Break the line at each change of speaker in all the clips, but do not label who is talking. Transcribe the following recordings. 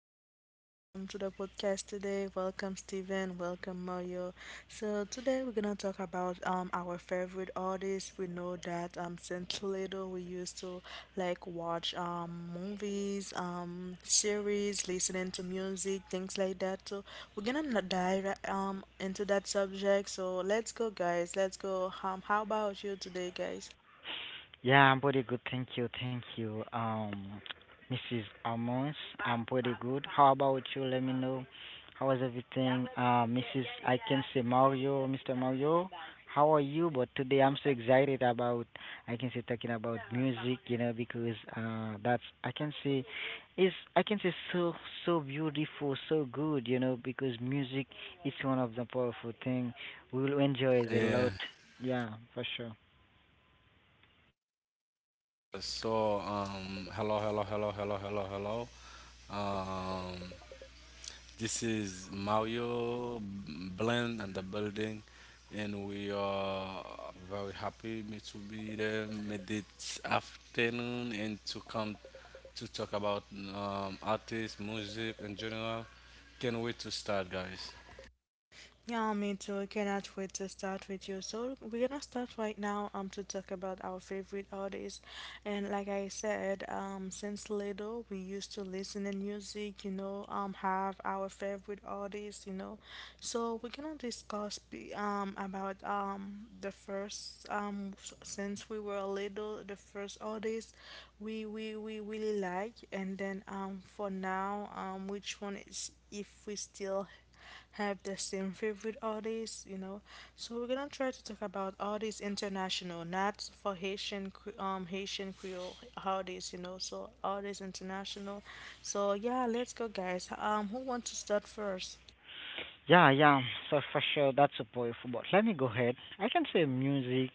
welcome to the podcast today. Welcome, Steven. Welcome, Mario. So, today we're gonna talk about our favorite artists. We know that since little we used to like watch movies, series, listening to music, things like that. So, dive into that subject. So, let's go, guys. Let's go. How about you today, guys?
Yeah, I'm pretty good. Thank you. Thank you. Mrs. Amos, I'm pretty good. How about you? Let me know. How was everything? Mrs., I can say, Mario, Mr. Mario. How are you? But today I'm so excited about, I can say, talking about music, because that's, I can say, is, I can say, so beautiful, so good, because music is one of the powerful thing. We will enjoy it a
Yeah.
lot. Yeah, for sure.
So, hello, hello, hello, hello, hello, hello. Um, this is Mario Blend and the building, and we are very happy me to be there me this afternoon and to come to talk about artists, music in general. Can't wait to start, guys.
Yeah, me too. I cannot wait to start with you. So we're gonna start right now to talk about our favorite artists. And like I said, since little we used to listen to music, you know, have our favorite artists, you know. So we're gonna about the first since we were little the first artist we really like and then for now which one is if we still have the same favorite artists, you know. So we're gonna try to talk about artists international, not for Haitian Creole artists, you know. So artists international. So yeah, let's go, guys. Who wants to start first?
Yeah, yeah. So for sure. That's a powerful. But let me go ahead. I can say music,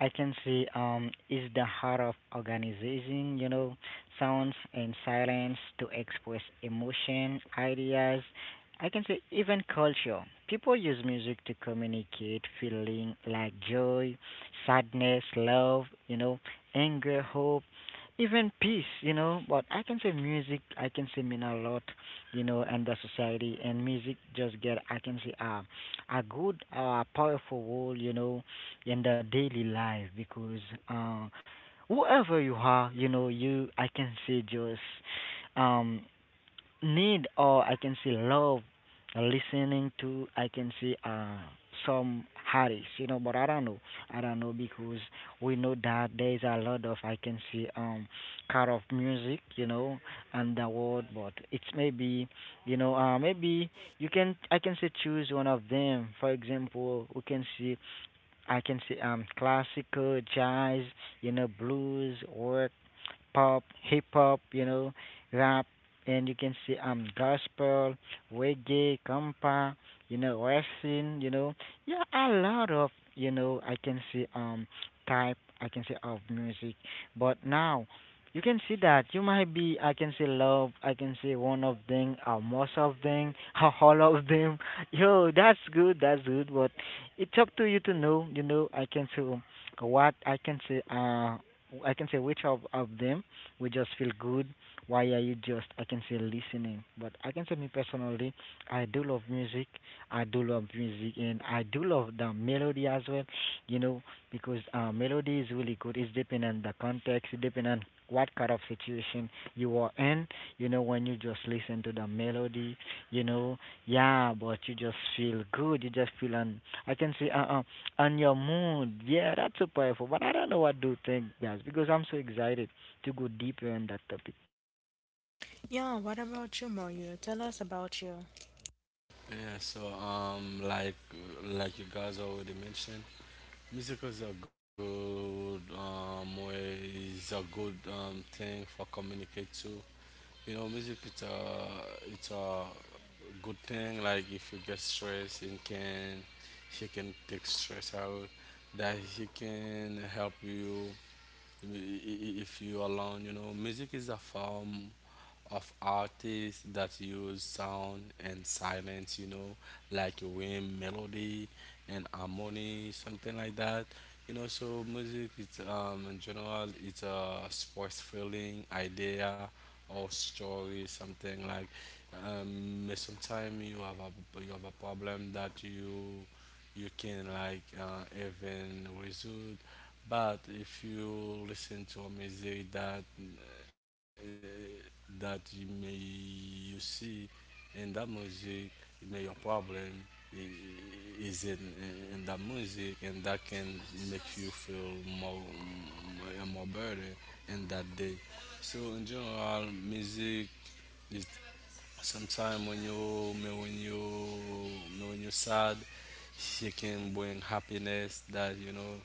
I can see is the heart of organization, sounds and silence to express emotion, ideas. I can say even culture. People use music to communicate feeling like joy, sadness, love, anger, hope, even peace. But I can say music, I can say, mean a lot, and the society, and music just get, I can say, a good powerful role, in the daily life because uh, whoever you are, you, I can say, just um, need or, I can say, love listening to, I can say, some Harris, but I don't know because we know that there is a lot of, I can say, kind of music, and the world, but it's maybe you can, I can say, choose one of them. For example, we can see, I can see, classical, jazz, you know, blues, work, pop, hip hop, you know, rap, and you can see gospel, reggae, compa, you know, western, you know, yeah, a lot of, you know, I can see, type, I can see, of music, but now you can see that you might be, I can say, love, I can say, one of them or most of them or all of them. Yo, that's good, but it's up to you to know. I can say what I can say. I can say which of them we just feel good. Why are you just? I can say listening, but I can say me personally, I do love music. I do love music, and I do love the melody as well. You know, because melody is really good. It's depending on the context. It depends on what kind of situation you are in. When you just listen to the melody, you know yeah, but you just feel good. You just feel on. I can see on your mood. Yeah, that's so powerful. But I don't know what to think, guys, because I'm so excited to go deeper on that topic.
Yeah, what about you, Mario? Tell us about you.
Yeah. So, like you guys already mentioned. Musicals are good ways, a good thing for communicate too. You know, music it's a good thing. Like if you get stressed, you can take stress out. That he can help you if you alone, you know, music is a form of artists that use sound and silence, you know, like rhythm, melody, and harmony, something like that. You know, so music it's in general, it's a sports feeling, idea, or story, something like. Sometimes you have a problem that you can like even resolve, but if you listen to a music that that you may you see in that music, it may your problem is in that music, and that can make you feel more more better in that day. So in general, music is. Sometimes when you're sad, she can bring happiness that you know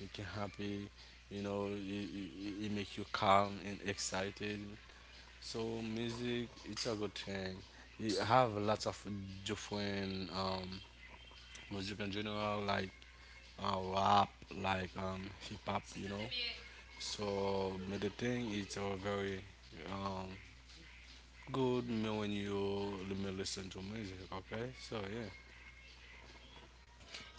you can happy. You know it make you calm and excited. So music, it's a good thing. You have lots of different music in general, like rap, like hip hop, you know. So but the thing, it's a very um, good me when you. Let me listen to music, okay? So yeah,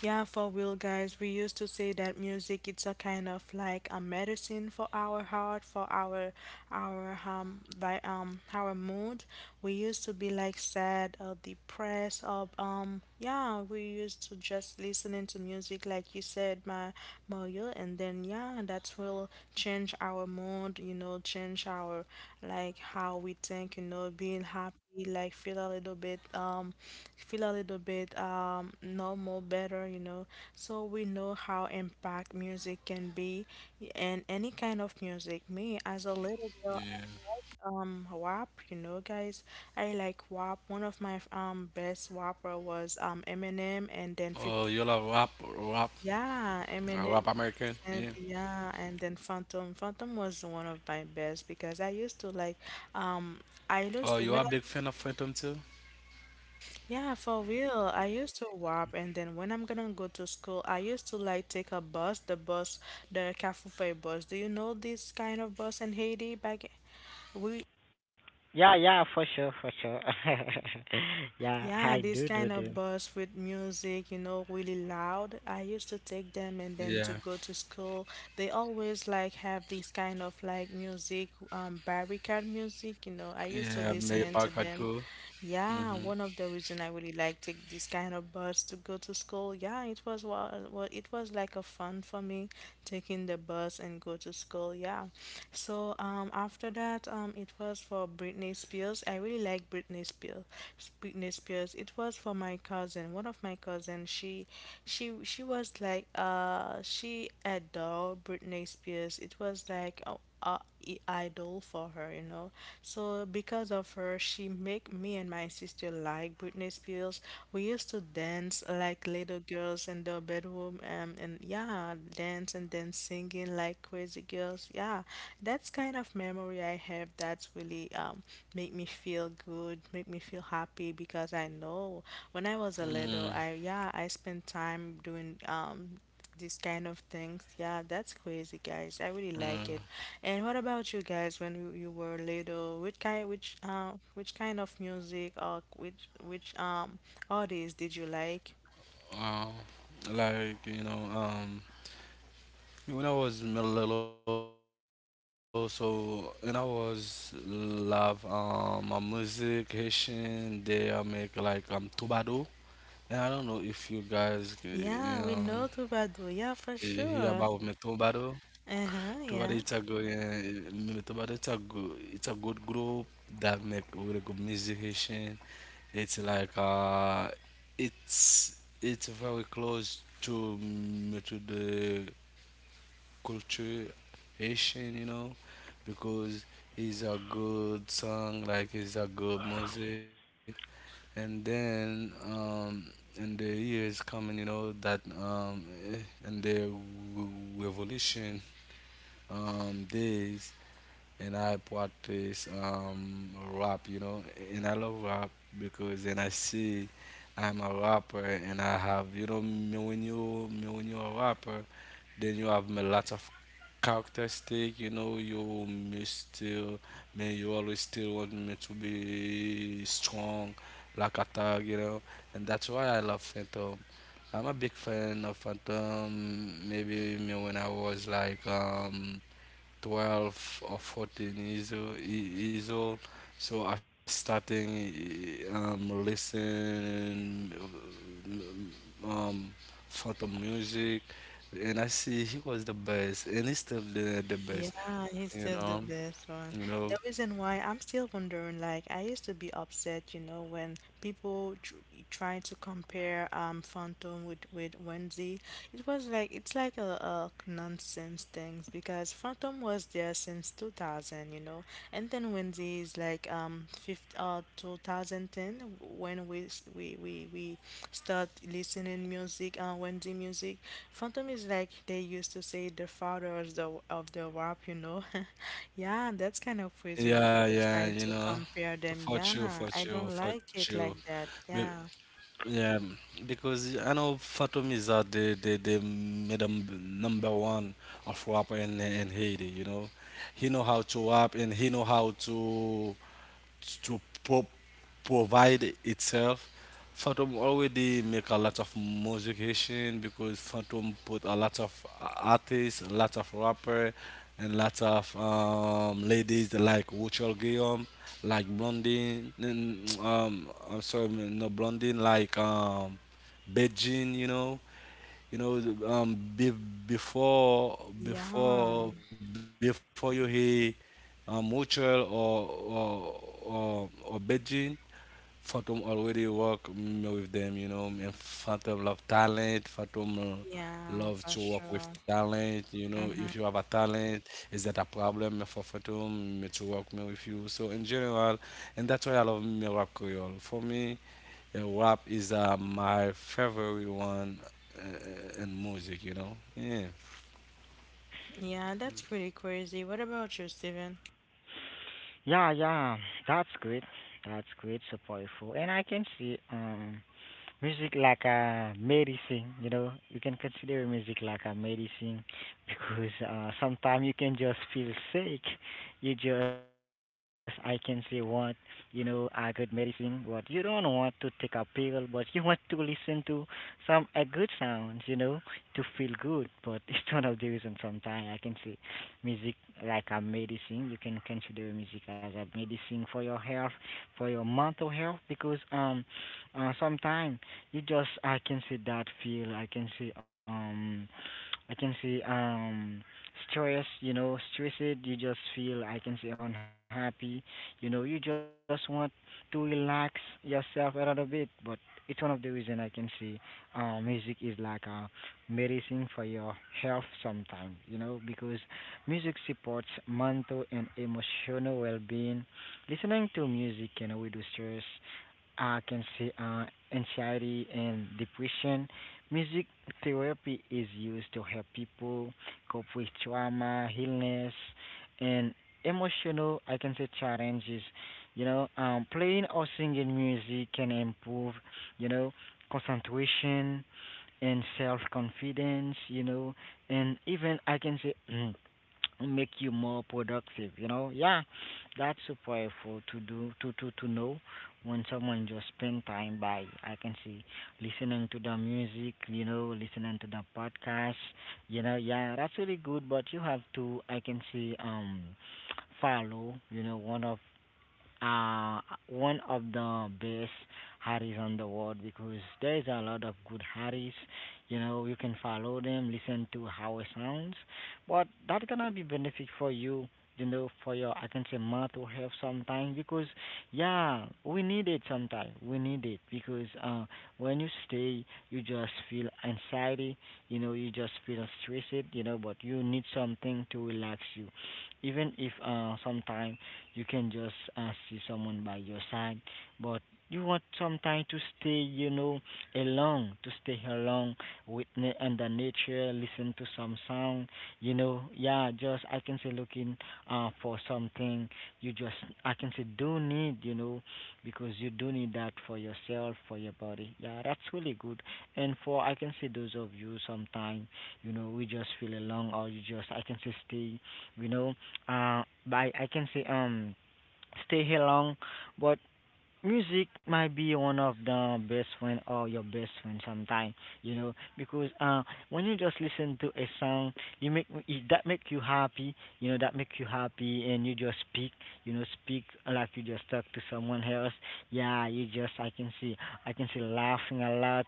Yeah, for real, guys. We used to say that music it's a kind of like a medicine for our heart, for our by our mood. We used to be like sad or depressed or yeah, we used to just listening to music like you said, my Mario, and then yeah, that will change our mood. You know, change our like how we think. You know, being happy you, like feel a little bit feel a little bit normal better, you know. So we know how impact music can be, and any kind of music me as a little girl,
yeah.
WAP, you know, guys. I like WAP. One of my best WAPper was Eminem, and then 50,
Oh, you love rap,
yeah,
uh,
Eminem
rap
50
American,
Cent,
yeah.
yeah. And then Phantom. Phantom was one of my best because I used to like um I
Oh,
used
you are
when
a big fan of Phantom too?
Yeah, for real. I used to walk, and then when I'm gonna go to school, I used to like take a bus, the Cafufe bus. Do you know this kind of bus in Haiti? Back we
Yeah, yeah, for sure, for sure. Yeah,
Yeah, this
I
kind
do
of
do do.
bus with music, you know, really loud. I used to take them and
Yeah,
then to go to school. They always like have this kind of like music, barricade music, you know. I used to
yeah. Mary
listen into
Parker
them.
too.
Yeah,
Mhm.
one of the reason I really like take this kind of bus to go to school. Yeah, it was what it was like a fun for me taking the bus and go to school. Yeah. So after that, it was for Britney Spears. I really like Britney Spears. Britney Spears. It was for my cousin. One of my cousin. She was like she adored Britney Spears. It was like, oh, idol for her, you know. So because of her, she make me and my sister like Britney Spears. We used to dance like little girls in the bedroom, and yeah, dance and then singing like crazy girls. Yeah, that's kind of memory I have. That's really make me feel good, make me feel happy because I know when I was a
Mm.
little, I yeah, I spent time doing these kind of things. Yeah, that's crazy, guys. I really like
Mm.
it. And what about you guys when you were little? Which kind of music or which artist did you like?
Wow. Like you know, when I was little, so when I was love my music Haitian, they make like tubado. And I don't know if you guys,
Yeah, we know Tubado. Yeah, for
Hear about
sure.
Metombado. Metombado
Uh-huh,
it's a
yeah.
good, eh, Metombado it's a good group that make really good musician. It's like it's very close to the culture Haitian, you know, because it's a good song, like it's a good music, and then in the years coming, you know that in the w- revolution days, and I practice rap, you know, and I love rap because then I see I'm a rapper, and I have, you know, me when you're a rapper, then you have a lot of characteristic, you know, you may still man you always still want me to be strong like a thug, you know, and that's why I love Phantom. I'm a big fan of Phantom. Maybe me when I was like 12 or 14 years old, years So I starting listening um, photo music, and I see he was the best, and he's still the best.
Yeah, he's
You
still the
know,
best one.
you know.
The reason why I'm still wondering, like, I used to be upset, you know, when people tr try to compare Phantom with Wendy. It's like a nonsense things because Phantom was there since 2000, you know, and then Wendy is like 50, 2010 when we s- we start listening music Wendy music. Phantom is like they used to say the father of the rap, you know. Yeah, that's kind of crazy when
Yeah,
people
yeah,
trying
you
to
know.
compare them.
For you,
Yeah,
for
I
you,
don't
for
like it like that.
you.
Yeah.
Yeah, because I know Phantom is the madam number one of rap in Haiti. You know, he know how to rap and he know how to provide itself. Phantom already make a lot of modification because Phantom put a lot of artists, a lot of rapper, and lots of ladies like Rachel Guillaume, like Blondine, and, I'm sorry, no Blondine, like Beijing, you know, the- be, before
Yeah,
before before you hear Montreal or or Beijing, Fatum already work with them. You know, and Fatum love talent. Fatum
yeah,
love
for
to work
sure.
with talent. You know,
Mm-hmm.
if you have a talent, is that a problem for Fatum to work me with you? So in general, and that's why I love me rap Creole. For me. Yeah, rap is my favorite one in music, you know? Yeah.
Yeah, that's pretty crazy. What about you, Steven?
Yeah, yeah, that's great. That's great, so powerful. And I can see. Music like a medicine, you know. You can consider music like a medicine because sometimes you can just feel sick. You just, I can say, want, a good medicine. What you don't want to take a pill, but you want to listen to some a good sounds, to feel good. But it's one of the reasons sometimes, I can say, music like a medicine. You can consider music as a medicine for your health, for your mental health, because sometimes you just, I can see, that feel. I can see I can see um, stress. You know, stressed. You just feel. I can see unhappy. You just want to relax yourself a little bit. But it's one of the reason, I can see, music is like a medicine for your health sometimes. Because music supports mental and emotional well-being. Listening to music can reduce stress, I can say, anxiety and depression. Music therapy is used to help people cope with trauma, illness, and emotional. I can say challenges. Playing or singing music can improve, you know, concentration and self-confidence. And even, I can say, make you more productive, yeah, that's so powerful to do to know when someone just spend time by, I can see, listening to the music, listening to the podcast, yeah, that's really good, but you have to, I can see, follow, uh, one of the best Harris on the world, because there's a lot of good Harris. You can follow them, listen to how it sounds, but that gonna be benefit for you. For your, I can say, mental health sometimes, because yeah, we need it sometimes. We need it because when you stay, you just feel anxiety. You just feel stressed. But you need something to relax you, even if sometimes you can just see someone by your side, but you want sometimes to stay, alone, to stay alone with and the nature, listen to some sound, yeah, just, I can say, looking for something. You just, I can say, do need, because you do need that for yourself, for your body. Yeah, that's really good. And for, I can say, those of you sometimes, we just feel alone, or you just, I can say, stay, you know, uh, I can say stay here long, but music might be one of the best friend or your best friend sometime, because when you just listen to a song you make it, that make you happy, that make you happy, and you just speak, speak like you just talk to someone else. Yeah, you just, I can see, laughing a lot.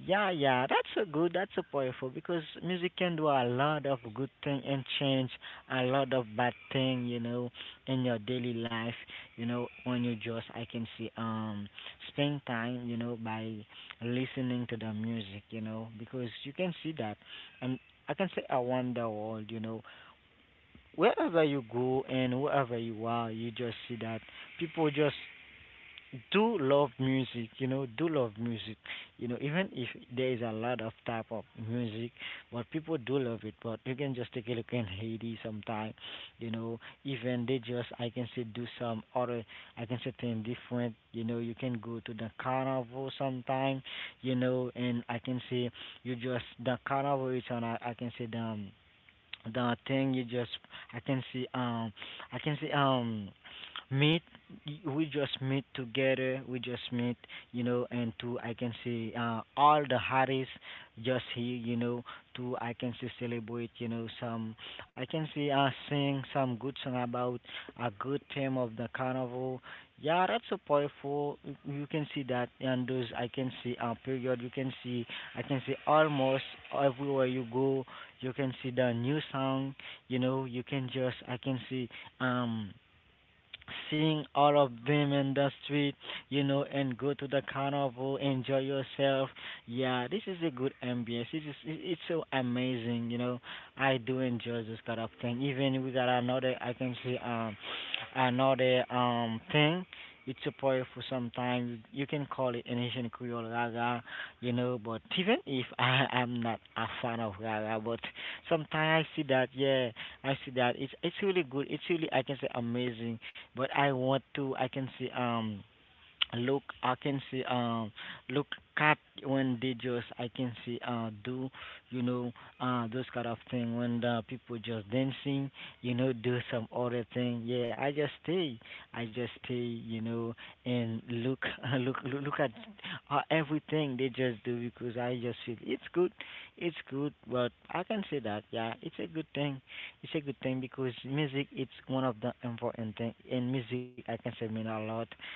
Yeah, yeah, that's so good, that's so powerful, because music can do a lot of good thing and change a lot of bad thing, in your daily life, on your jaws. I can see spend time, by listening to the music, because you can see that. And, I can say, I wonder world. Wherever you go and wherever you are, you just see that people just do love music, do love music, even if there is a lot of type of music, but people do love it, but you can just take a look in Haiti sometime, you know even they just, I can say, do some other, I can say, thing different, you can go to the carnival sometime, and, I can say, you just, the carnival is on a, I can say, the thing you just, I can see i can see um meet, we just meet together, we just meet, and to, I can see, all the Harris just here, to, I can see, celebrate, some, I can see, sing some good song about a good theme of the carnival. Yeah, that's so powerful, you can see that, and those, I can see, period, you can see, I can see, almost everywhere you go you can see the new song, you can just, I can see, um sing out of them in the street, and go to the carnival, enjoy yourself. Yeah, this is a good ambience. It is, it's so amazing. I do enjoy this kind of thing. Even we got another, I can say, another thing. It's a powerful sometimes. You can call it an Asian Creole Gaga, but even if I am not a fan of Gaga, but sometimes I see that, yeah, I see that. It's really good. It's really, I can say, amazing, but I want to. I can see. Look, I can see. Look, cat, when they just, I can see. Do you know? Those kind of thing when the people just dancing. Do some other thing. Yeah, I just stay. I just stay. You know, and look, look, look, look at everything they just do, because I just feel it's good. It's good, but I can say that. Yeah, it's a good thing. It's a good thing, because music. It's one of the important thing. And music, I can say, mean a lot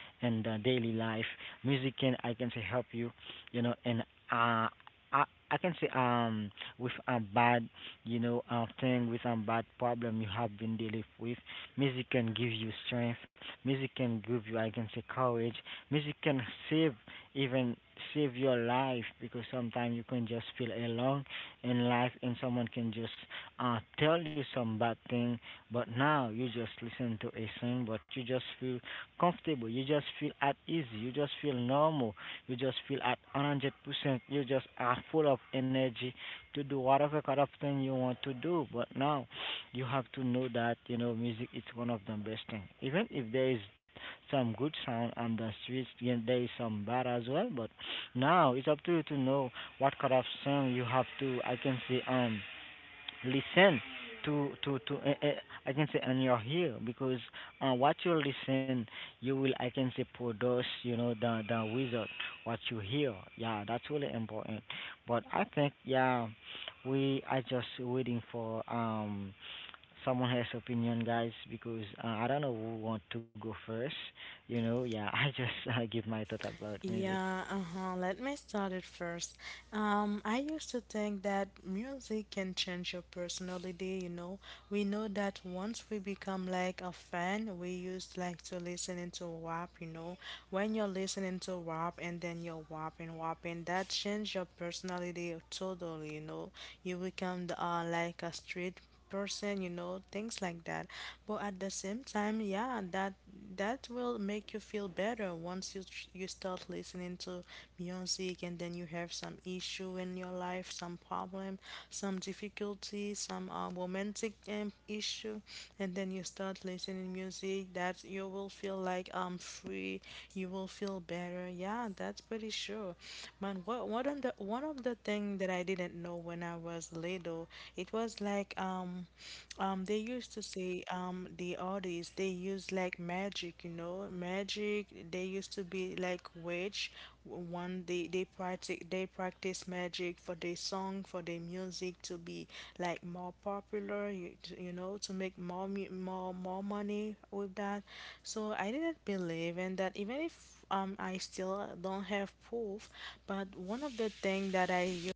and daily life. Music can, I can say, help you, and uh, I I can say with a bad, thing, with a bad problem you have been dealing with, music can give you strength. Music can give you, I can say, courage. Music can save, even save your life, because sometimes you can just feel alone in life and someone can just tell you some bad thing, but now you just listen to a song but you just feel comfortable. You just feel at easy. You just feel normal. You just feel at 100%. You just are full of energy to do whatever kind of thing you want to do. But now you have to know that, you know, music is one of the best thing. Even if there is some good sound on the streets, and there is some bad as well. But now it's up to you to know what kind of song you have to, I can say, listen to I can say on your ear, because what you listen, you will, I can say, produce, you know, the result, what you hear. Yeah, that's really important. But I think, yeah, we are just waiting for someone has opinion, guys, because I don't know who want to go first, you know. Yeah, I just give my thought about music.
Yeah, uh-huh. Let me start it first. I used to think that music can change your personality, you know. We know that once we become like a fan, we used like to listen into WAP, you know. When you're listening to WAP and then WAPing, that change your personality totally, you know. You become like a street person, you know, things like that. But at the same time, that will make you feel better once you start listening to music and then you have some issue in your life, some problem, some difficulty, some romantic issue, and then you start listening music, that you will feel like free, you will feel better. Yeah, that's pretty sure, man. What on the one of the thing that I didn't know when I was Toledo, it was like they used to say the artists they used like magic, you know, magic. They used to be like witch. One they practice magic for their song, for their music to be like more popular. You know, to make more mu- more more money with that. So I didn't believe in that, even if I still don't have proof. But one of the thing that I,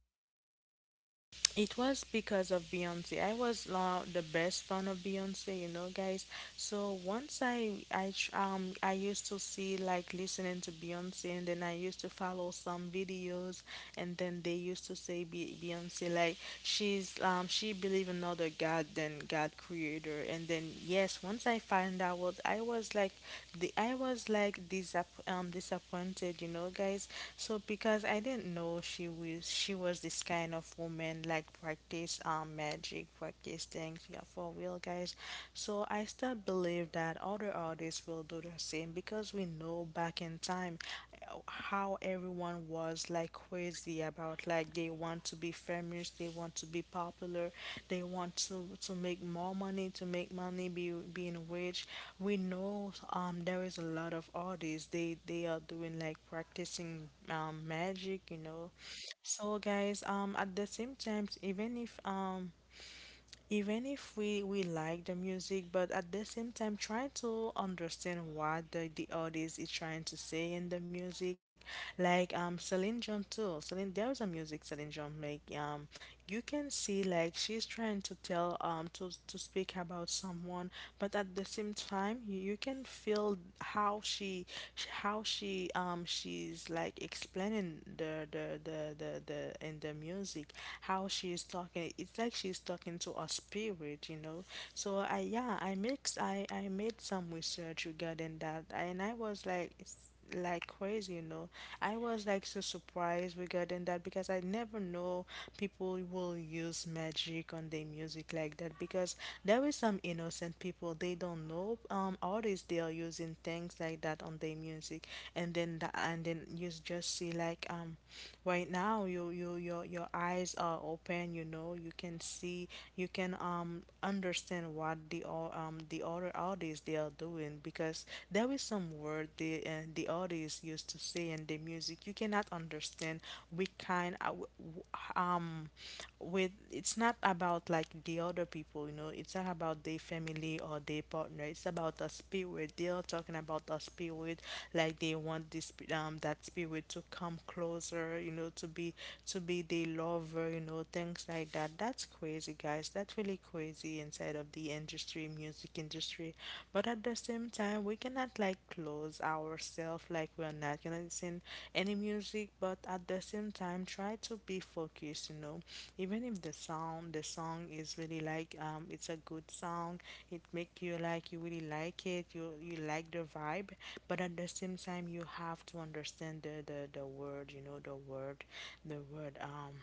it was because of Beyonce. I was the best fan of Beyonce, you know, guys. So once I used to see like listening to Beyonce, and then I used to follow some videos, and then they used to say Beyonce, like, she's she believe another God than God creator. And then yes, once I find out, I was like, the I was like disappointed, you know, guys. So because I didn't know she was this kind of woman like practice magic, practice things, yeah, for real guys. So I still believe that other artists will do the same because we know back in time how everyone was like crazy about, like, they want to be famous, they want to be popular, they want to make more money, to make money, be being rich. We know there is a lot of artists, they are doing like practicing magic, you know. So guys, at the same time, even if we we like the music, but at the same time trying to understand what the artist is trying to say in the music, like Celine Dion too. Celine, there's a music Celine Dion make you can see like she's trying to tell to speak about someone, but at the same time you can feel how she, how she she's like explaining the in the music, how she's talking. It's like she's talking to a spirit, you know. So I yeah I mix I made some research regarding that, and I was like crazy, you know. I was like so surprised regarding that because I never know people will use magic on their music like that, because there is some innocent people, they don't know artists they are using things like that on their music. And then you just see like right now your eyes are open, you know. You can see, you can understand what the the other artists they are doing, because there is some word the artists used to say in the music you cannot understand which kind w- w- um with it's not about like the other people, you know. It's not about their family or their partner, it's about the spirit. They are talking about the spirit, like they want that spirit to come closer, you know, to be, to be the lover, you know, things like that. That's crazy guys, that's really crazy inside of the industry, music industry. But at the same time we cannot like close ourselves, like we're not gonna listen any music, but at the same time try to be focused, you know. Even if the sound, the song is really like it's a good song, it make you like you really like it, you like the vibe, but at the same time you have to understand the word, you know, the word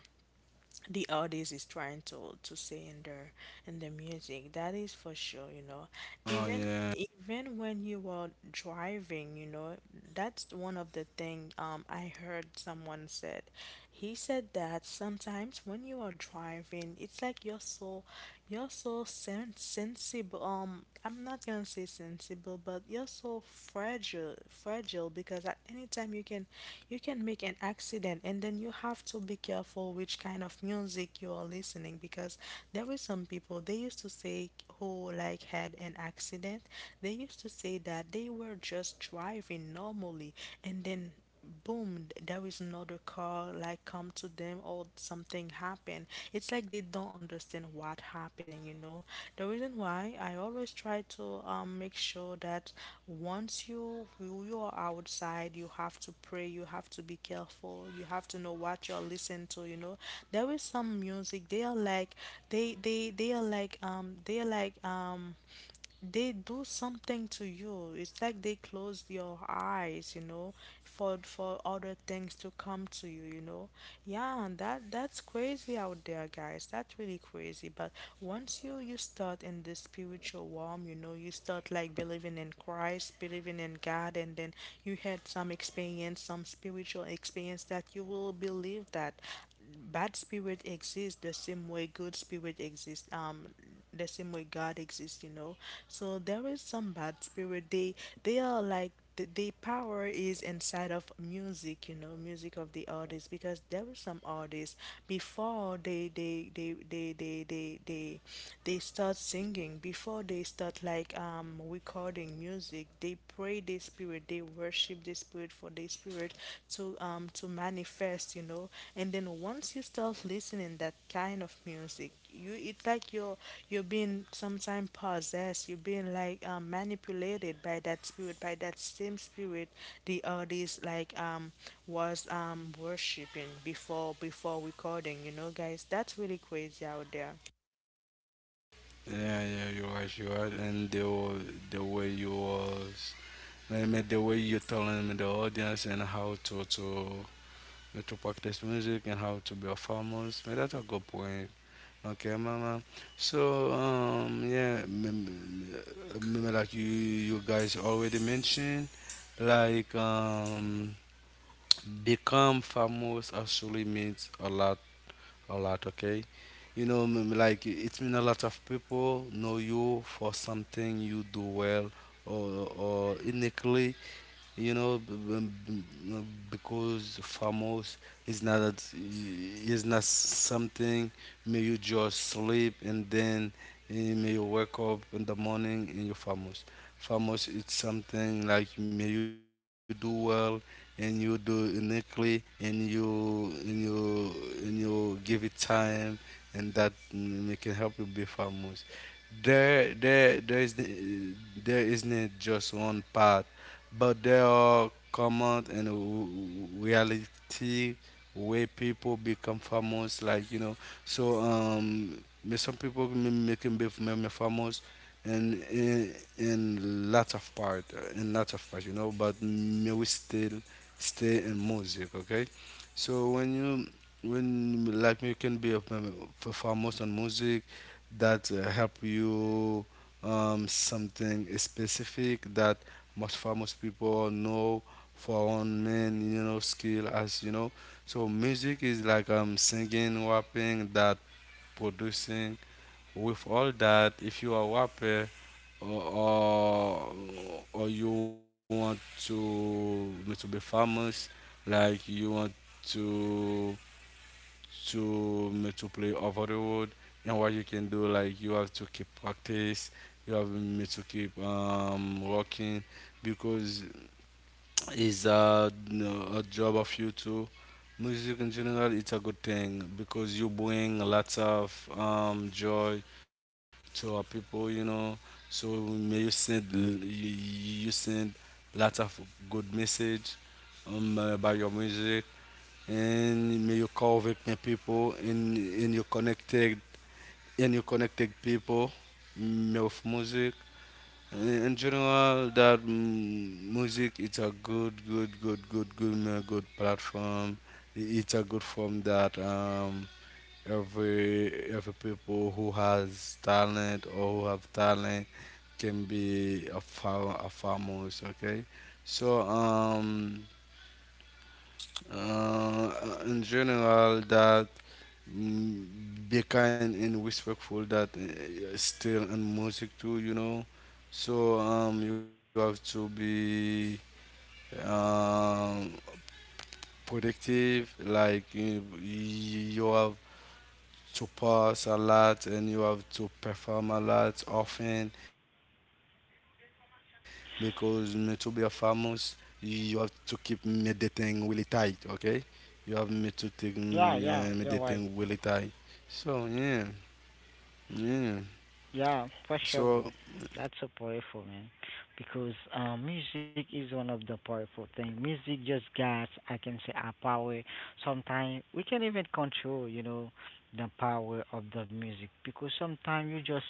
the artist is trying to say in their in the Music, that is for sure, you know.
Oh,
even
yeah.
even when you are driving, you know, that's one of the thing I heard someone said, he said that sometimes when you are driving it's like you're so sensible. I'm not gonna say sensible, but you're so fragile, because at any time you can make an accident, and then you have to be careful which kind of music you are listening, because there were some people they used to say, who like had an accident, they used to say that they were just driving normally, and then boom, there is another car like come to them or something happened. It's like they don't understand what happening, you know. The reason why I always try to make sure that once you are outside, you have to pray, you have to be careful, you have to know what you're listening to, you know. There is some music, they are like, they are like they are like they do something to you. It's like they close your eyes, you know, for other things to come to you, you know. Yeah, and that's crazy out there, guys. That's really crazy. But once you start in the spiritual realm, you know, you start like believing in Christ, believing in God, and then you had some experience, some spiritual experience that you will believe that bad spirit exists the same way good spirit exists. The same way God exists, you know. So there is some bad spirit. They are like the power is inside of music, you know, music of the artist, because there were some artists before they start singing, before they start like recording music, they pray the spirit, they worship the spirit for their spirit to manifest, you know. And then once you start listening that kind of music, you, it's like you're being sometimes possessed, you're being like manipulated by that spirit, by that same spirit the artist like was worshiping before recording, you know, guys. That's really crazy out there.
Yeah, yeah, you're right, you're right. And the way you was, man, man, the way you're telling me the audience and how to practice music and how to be a famous, man, that's a good point. Okay, mama. So, yeah, like you guys already mentioned, like, become famous actually means a lot, okay. You know, like it means a lot of people know you for something you do well, or or uniquely, you know, because famous is not something. May you just sleep, and then may you wake up in the morning, and you're famous. Famous, it's something like may you do well, and you do uniquely, and you give it time, and that it can help you be famous. There isn't just one path, but there are common and reality where people become famous, like you know. So some people make him be famous, and in lots of part, you know. But may we still stay in music, okay. So when like you can be a famous on music, that help you something specific that most famous people know, for one man, you know, skill, as you know. So music is like singing, rapping, that producing. With all that, if you are rapper, or or, or you want to to be famous, like you want to to play over the road, and what you can do, like you have to keep practice. You have to keep working, because is a job of you too. Music in general, it's a good thing because you bring lots of joy to our people, you know. So may you send you, you send lots of good message, by your music, and may you convict the people, and you connected people with music. In general, that music, it's a good, good, good, good, good, good platform. It's a good form that every people who has talent, or who have talent, can be a famous. Okay, so uh, in general, that Mm, be kind and respectful, that still in music too, you know. So you have to be um productive, like you have to pass a lot, and you have to perform a lot often, because to be a famous, you have to keep meditating really tight. Okay, you have me to take
Yeah, yeah, you're right.
meditating really tight. So yeah, yeah.
Yeah, for sure,
So
bro. That's so powerful, man. Because music is one of the powerful things. Music just guides, I can say, our power. Sometimes we can even control, you know, the power of the music. Because sometimes you just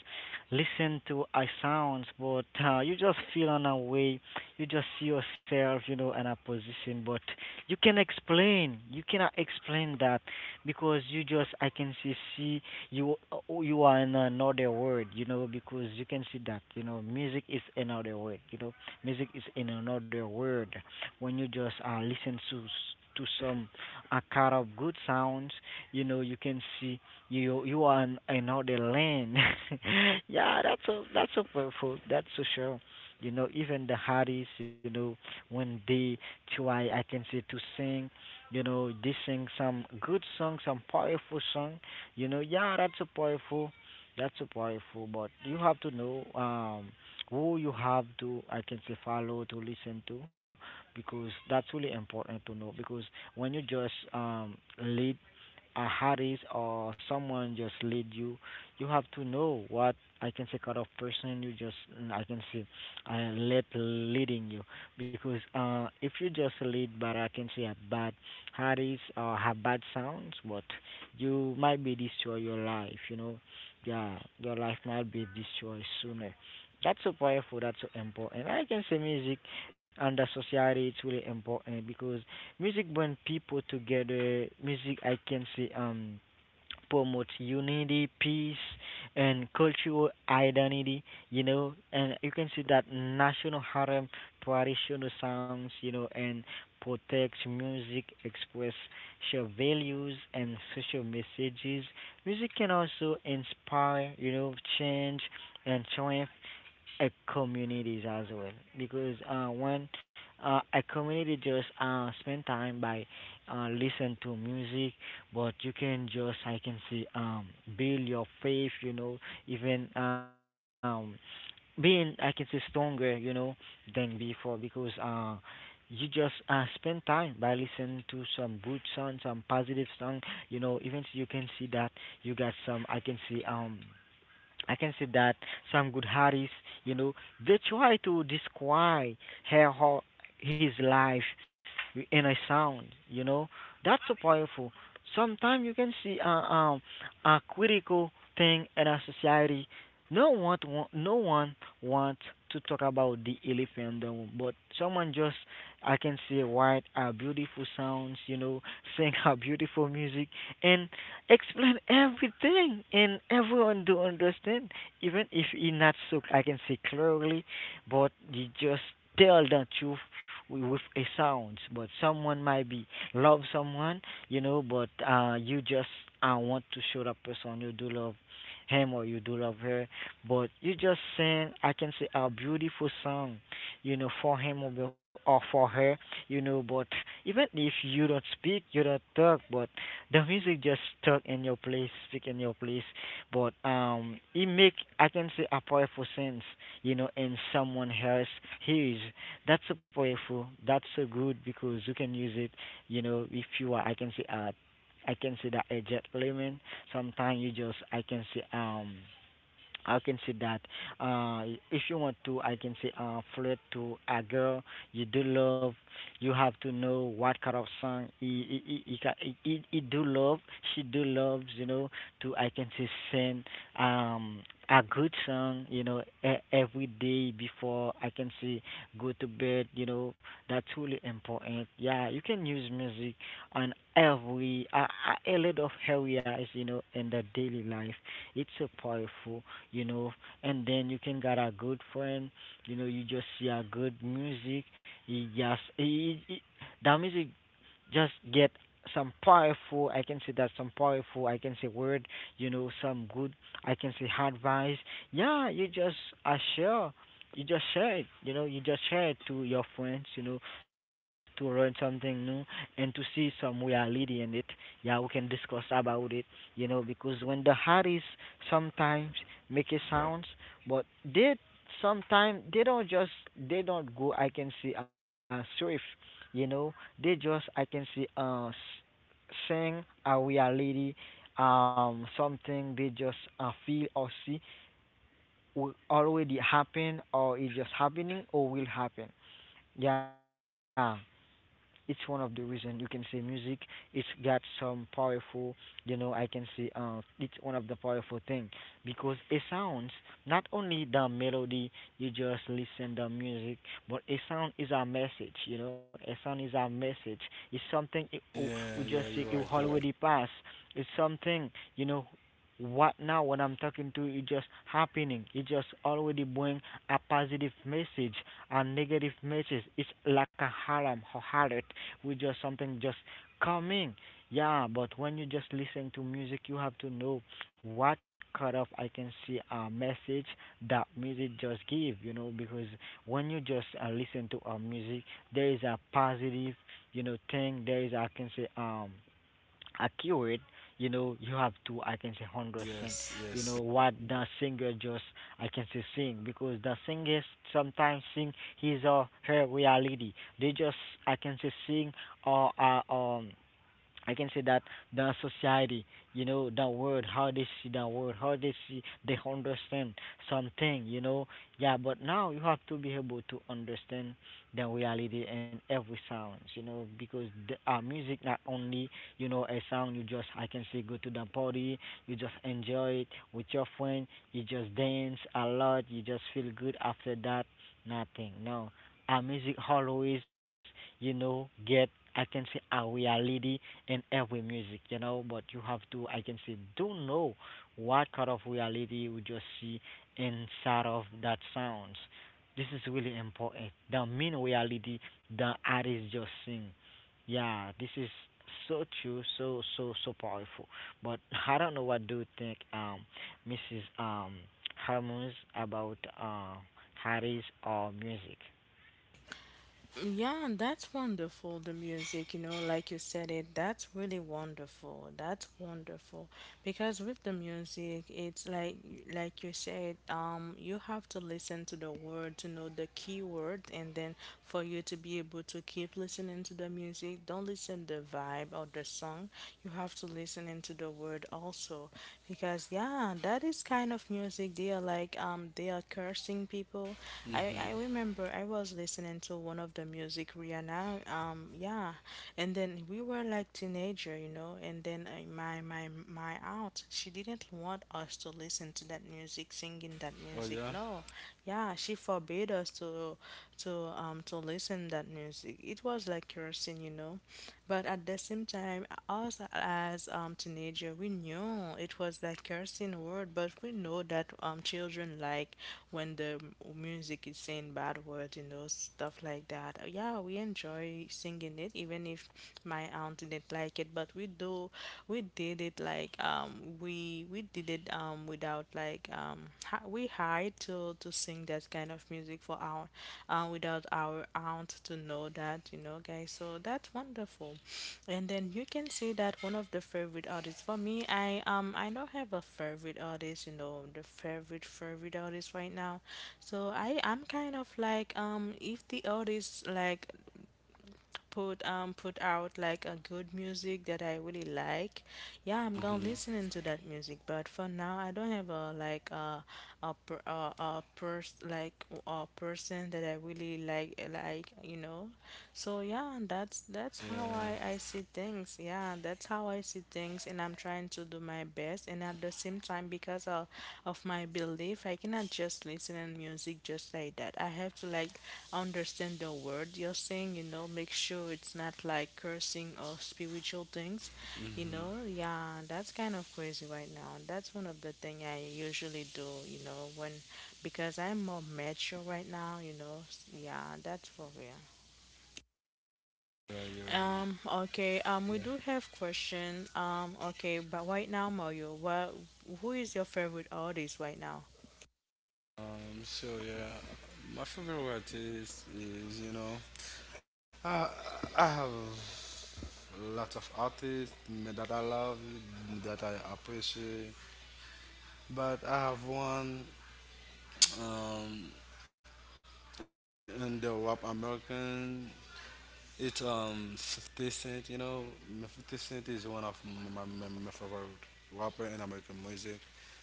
listen to a sounds, but you just feel on a way. You just see yourself, you know, in a position, but you can explain. You cannot explain that because you just, I can say, see you you are in another world, you know, because you can see that, you know, music is another world, you know, music is in another world. When you just listen to to some a kind of good sounds, you know, you can see you you are in another land. Yeah, that's so, that's so powerful. That's so sure. You know, even the Harris, you know, when they try, I can say, to sing, you know, they sing some good song, some powerful song, you know. Yeah, that's a powerful, that's a powerful. But you have to know who you have to, I can say, follow to listen to, because that's really important to know. Because when you just lead a Harris or someone just lead you, you have to know what, I can say, kind of person you just I can say let leading you, because if you just lead but, I can say, a bad Harris or have bad sounds, but you might be destroy your life. You know, yeah, your life might be destroyed sooner. That's so powerful. That's so important. I can say music and the society it's really important, because music brings people together. Music, I can say, promotes unity, peace, and cultural identity. You know, and you can see that national harem, traditional songs. You know, and protects music, express shared values and social messages. Music can also inspire, you know, change and triumph a communities as well, because when a community just spend time by listen to music, but you can just, I can see, build your faith, you know, even, being, I can say, stronger, you know, than before, because you just spend time by listening to some good song, some positive song, you know. Even you can see that you got some, I can see, I can see that some good artists, you know, they try to describe her ho- his life in a sound, you know. That's so powerful. Sometimes you can see a critical thing in our society. No one wants to talk about the elephant in the room, but someone just, I can see, write a beautiful sounds, you know, sing a beautiful music and explain everything and everyone do understand, even if he not so, I can say, clearly, but you just tell the truth with a sound. But someone might be love someone, you know, but you just want to show that person you do love him or you do love her, but you just sing, I can say, a beautiful song, you know, for him or for her, you know, but even if you don't speak, you don't talk, but the music just stuck in your place, stick in your place. But it make, I can say, a powerful sense, you know, in someone else his. That's so powerful. That's so good because you can use it, you know, if you are, I can say I can say, that a jet lemon. Sometimes you just, I can say, I can see that. Uh, if you want to, I can say, flirt to a girl you do love, you have to know what kind of song he, ca- he do love. She do loves. You know, to, I can say, sing um a good song. You know, every day before, I can say, go to bed. You know, that's really important. Yeah, you can use music on every a lot of areas. You know, in the daily life, it's so powerful, you know, and then you can get a good friend, you know, you just see a good music, you just, that music just get some powerful, I can say, that some powerful, I can say, word, you know, some good, I can say, advice. Yeah, you just I share you just share it, you know, you just share it to your friends, you know, to learn something new and to see some reality in it. Yeah, we can discuss about it, you know, because when the Harris sometimes make a sounds, but they sometimes they don't just, they don't go, I can see, swift, you know, they just, I can see, sing a reality, something they just feel or see, will already happen or is just happening or will happen. Yeah, it's one of the reason you can say music it's got some powerful, you know, I can say, it's one of the powerful thing, because it sounds, not only the melody, you just listen the music, but a sound is a message, you know, a sound is a message. It's something. We
yeah,
just
yeah,
say it
you're right, you're
already
right.
passed. It's something, you know, what now when I'm talking to you, it just happening, it just already bring a positive message and negative message. It's like a haram or harlot, with just something just coming. Yeah, but when you just listen to music, you have to know what cutoff, I can see, a message that music just give. You know, because when you just listen to our music, there is a positive, you know, thing. There is, I can say, accurate, you know, you have to, I can say, understand,
Yes,
you
yes.
know,
yes.
what the singer just, I can say, sing, because the singer sometimes sing his or her reality. They just, I can say, sing or I can say that the society, you know, the world, how they see the world, how they see, they understand something, you know. Yeah, but now you have to be able to understand the reality and every sounds, you know, because the, music not only, you know, a sound you just, I can say, go to the party, you just enjoy it with your friend, you just dance a lot, you just feel good after that, nothing. No, our music always, you know, get, I can say, a reality in every music, you know, but you have to, I can say, do know what kind of reality would you see inside of that sounds. This is really important. The mean reality the artist just sing. Yeah, this is so true, so so so powerful. But I don't know what do you think, Mrs. Harmons about artists or music.
Yeah, and that's wonderful, the music, you know, like you said it, that's really wonderful. That's wonderful. Because with the music, it's like you said, you have to listen to the word to know the key word, and then for you to be able to keep listening to the music, don't listen the vibe or the song. You have to listen into the word, also, because yeah, that is kind of music, they are like they are cursing people. I
Mm-hmm.
remember I was listening to one of the music Rihanna, yeah. And then we were like teenager, you know, and then my aunt, she didn't want us to listen to that music, singing that
Oh,
music.
yeah.
No, yeah, she forbade us to to listen that music. It was like cursing, you know. But at the same time, us as teenager, we knew it was that cursing word, but we know that children like when the music is saying bad words, you know, stuff like that. Yeah, we enjoy singing it, even if my aunt didn't like it, but we do, we did it like we did it without like we hired to sing that kind of music for our without our aunt to know that, you know, guys. So that's wonderful. And then you can see that one of the favorite artists for me, I don't have a favorite artist, you know, the favorite artist right now. So I'm kind of like if the artist like put put out like a good music that I really like, yeah, I'm gonna listen
Mm-hmm.
into that music. But for now, I don't have a like a per, a pers like a person that I really like, you know. So yeah, that's
Yeah.
how I see things. Yeah, that's how I see things, and I'm trying to do my best, and at the same time because of my belief, I cannot just listen and music just like that. I have to like understand the word you're saying, you know, make sure it's not like cursing or spiritual things, you
Mm-hmm.
know. Yeah, that's kind of crazy right now. That's one of the thing I usually do, you know, when, because I'm more mature right now, you know. Yeah, that's for real.
Yeah, you're right.
Okay, we
Yeah.
do have question. Okay, but right now, Mario, what who is your favorite artist right now?
So yeah, my favorite artist is, you know, I I have lots of artists that I love, that I appreciate, but I have one um in the rap American. It's 50 Cent, you know. 50 Cent is one of my favorite rapper in American music,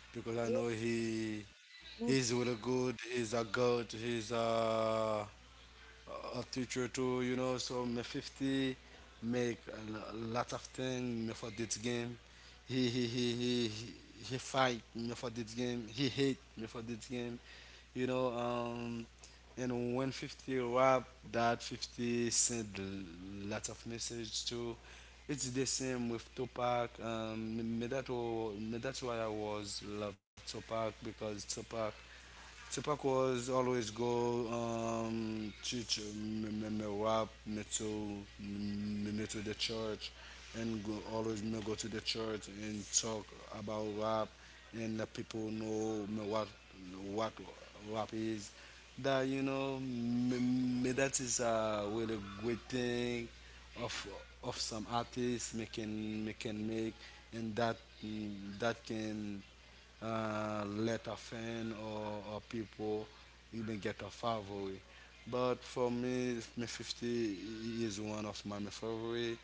because I know he's really good. He's a god. He's a teacher too, you know, so me 50 make a lot of thing me for this game. He he he he he he fight me for this game. He hate me for this game. You know, and when 50 rap, that 50 send lots of message too. It's the same with Tupac. Me that's why I was love Tupac, because Tupac was always go church, me rap me to me to the church, and always me go to the church and talk about rap, and the people know me what rap is, that you know me that is a really great thing of of some artists making making make, and that mm, that can let a fan, or people even get a favorite. But for me, my 50 is one of my favorite.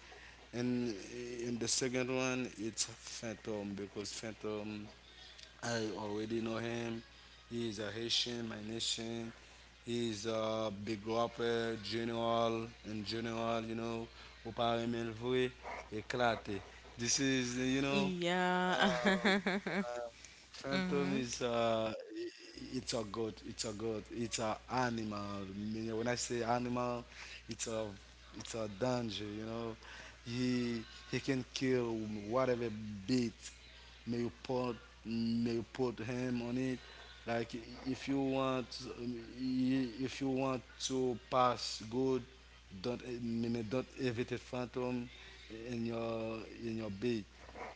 And in the second one, it's Phantom because Phantom, I already know him. He is a Haitian, my nation. He is a big rapper, general, and general, you know, au parmi le vrai, éclaté. This is, you know,
Yeah.
uh, Phantom is
Mhm.
I- it's a god. It's a god. It's a animal. Meaning, when I say animal, it's a it's a danger. You know, he he can kill whatever bait may you put may you put him on it. Like if you want um, if you want to pass good. Don't eh, mean don't invite a phantom in your bed,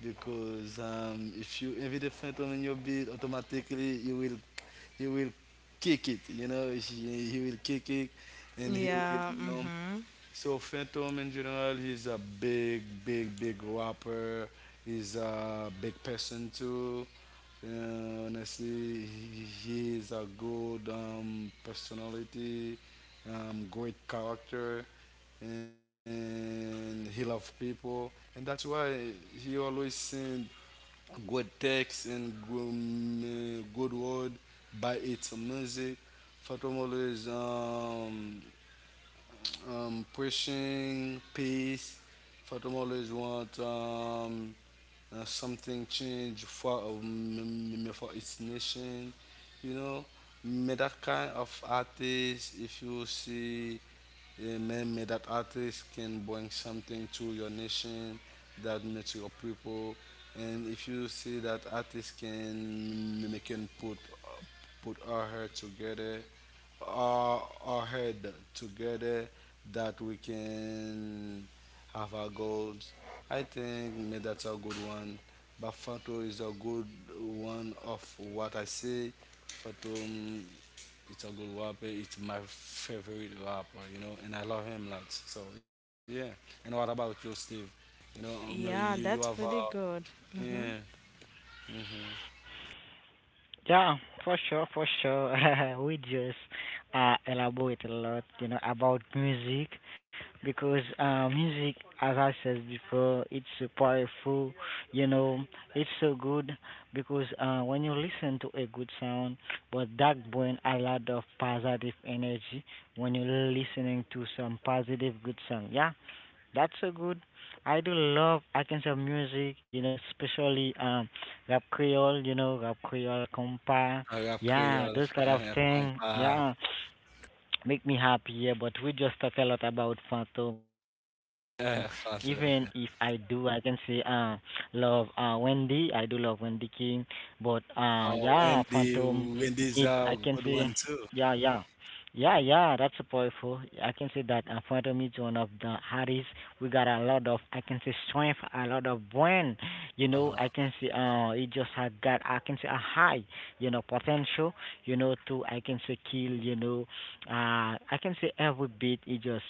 because if you invite a phantom in your bed, automatically you will kick it. You know he will kick it and he will
Yeah.
you know
Mhm.
So Phantom in general, he's a big rapper. He's a big person too. Honestly, he's a good personality, great character, and he loves people. And that's why he always send good text and good, good word by its music. Phantom always pushing peace. For them always want something change for its nation, you know. But that kind of artist, if you see. Amen. May that artist can bring something to your nation, that means to your people. And if you see that artist can they can put our head together, our head together, that we can have our goals. I think may that's a good one. But Fato is a good one of what I say. Fato, it's a good rapper. It's my favorite rapper, you know, and I love him lots. So yeah. And what about you, Steve? You know, you
Yeah,
you have
that's really good.
yeah,
Mhm.
mm-hmm.
Yeah, for sure, for sure. We just elaborate a lot, you know, about music, because music, as I said before, it's so powerful. You know, it's so good, because when you listen to a good sound, but that brings a lot of positive energy when you're listening to some positive good song. Yeah, that's so good. I do love Arkansas music, you know, especially rap Creole, you know, rap Creole, compa,
I have
yeah,
Creole,
those kind of thing,
compa,
yeah, make me happy. Yeah, but we just talk a lot about Phantom. Even if I do,
Fanta.
I can say, love Wendy. I do love Wendy King, but yeah,
Oh,
Phantom
Wendy,
need, I
Wendy's
can
a
say,
good one too.
yeah, yeah, yeah, yeah, that's a powerful. I can say that Phantom is one of the hardest. We got a lot of, I can say, strength, a lot of brain. You
Uh
know,
huh.
I can see, it just had got, I can say, a high, you know, potential, you know, to, I can say, kill, you know, I can say every beat it just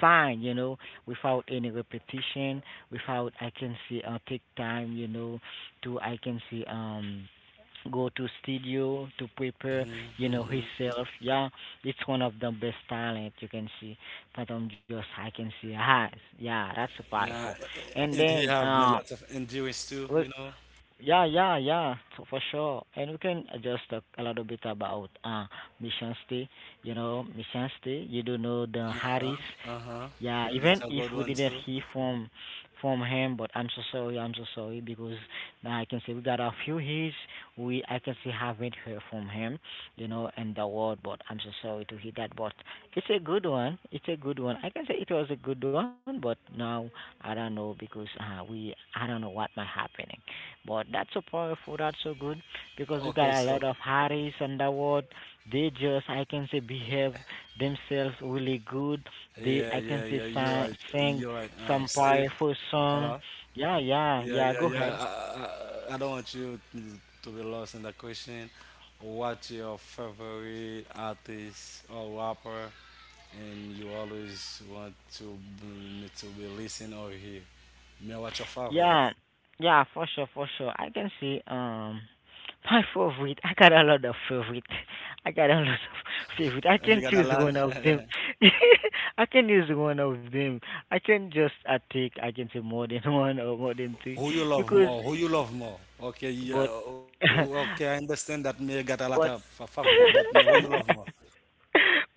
fine, you know, without any repetition, without, I can see, take time, you know, to, I can see, go to studio to prepare you know
Mm-hmm.
himself. Yeah, it's one of the best talent you can see that I'm just, I can see has. Yeah, that's powerful.
Yeah,
And
and
then
he have a lot of endurance too, you know.
yeah, yeah, yeah, for sure. And we can just talk a little bit about Mission Stay. You know, Mission Stay. You do know the
Uh huh.
Harris.
Uh huh.
Yeah, even if
It's a
we
good
didn't
one
hear
too.
from him, but I'm so sorry. I'm so sorry because now I can say we got a few hits. We I can say haven't heard from him. You know, in the world, but I'm so sorry to hear that. But it's a good one. It's a good one. I can say it was a good one, but now I don't know because we I don't know what might happening. But that's so powerful, that's so good because you
Okay,
got a
so
lot of Harris Underwood. They just I can say behave themselves really good. They
yeah,
I
yeah,
can say
yeah. You're
sing,
right.
sing
You're right.
some
Steve,
powerful song.
hello.
Yeah, yeah,
Yeah,
yeah.
yeah,
Go
yeah.
ahead.
I don't want you to be lost in the question. What's your favorite artist or rapper, and you always want to to be listening or hear? Me, what's your favorite?
Yeah, yeah, for sure, for sure. I can see my favorite. I got a lot of favorite. I got a lot of favorite.
Oh,
I
you got
can
a
choose
lot.
one of them. I can use one of them. I can just I take. I can say more than one or more than three
Who you love
because,
more? Who you love more? Okay, yeah,
but,
okay. I understand that me got a lot of
but.
favorite, but me, who you love more?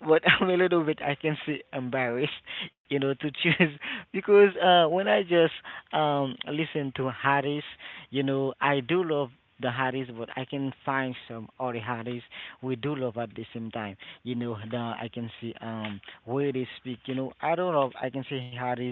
But I'm a little bit, I can say, embarrassed, you know, to choose because when I just listen to Harris, you know, I do love the Harris, but I can find some other Harris we do love at the same time. You know, the I can see where they speak. You know, I don't know if I can say Harris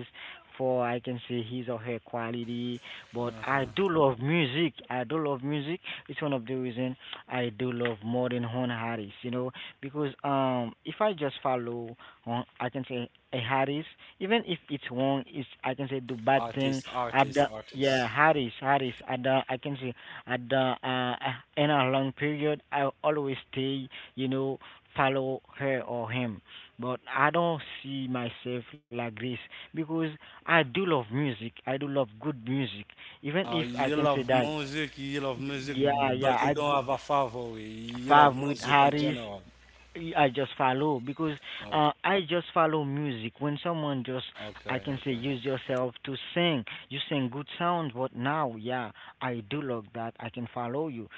for I can say his or her quality, but I do love music. I do love music. It's one of the reason I do love more than Horn Harris. You know, because if I just follow, I can say a Harris. Even if it's wrong, it's I can say do bad thing at the
Artist.
yeah Harris at the I can say at the in a long period I always stay you know follow her or him. But I don't see myself like this because I do love music. I do love good music. Even if I
You
can say
love
that
music, you love music,
yeah
but
yeah
you
I
don't
go.
have a favorite. You love
Favre with
music in
Harris.
general.
I just follow because
Okay,
I just follow music. When someone just, I
okay,
can say,
okay.
use yourself to sing, you sing good sound, but now, yeah, I do love that. I can follow you.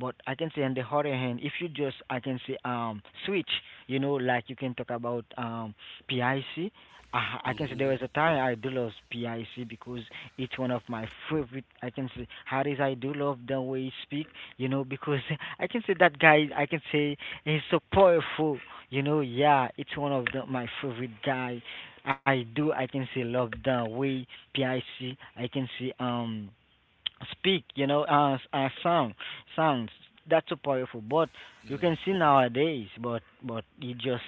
But I can say, on the other hand, if you just, I can say, switch, you know, like you can talk about PIC. Can
Hmm.
say there was a time I do love PIC because it's one of my favorite. I can say, Harris, I do love the way he speak, you know, because I can say that guy, I can say he's so powerful, you know. Yeah, it's one of the, my favorite guy. I do. I can see love the way PIC. Can see speak, you know, sound, sounds. That's so powerful. But you can see nowadays, but he just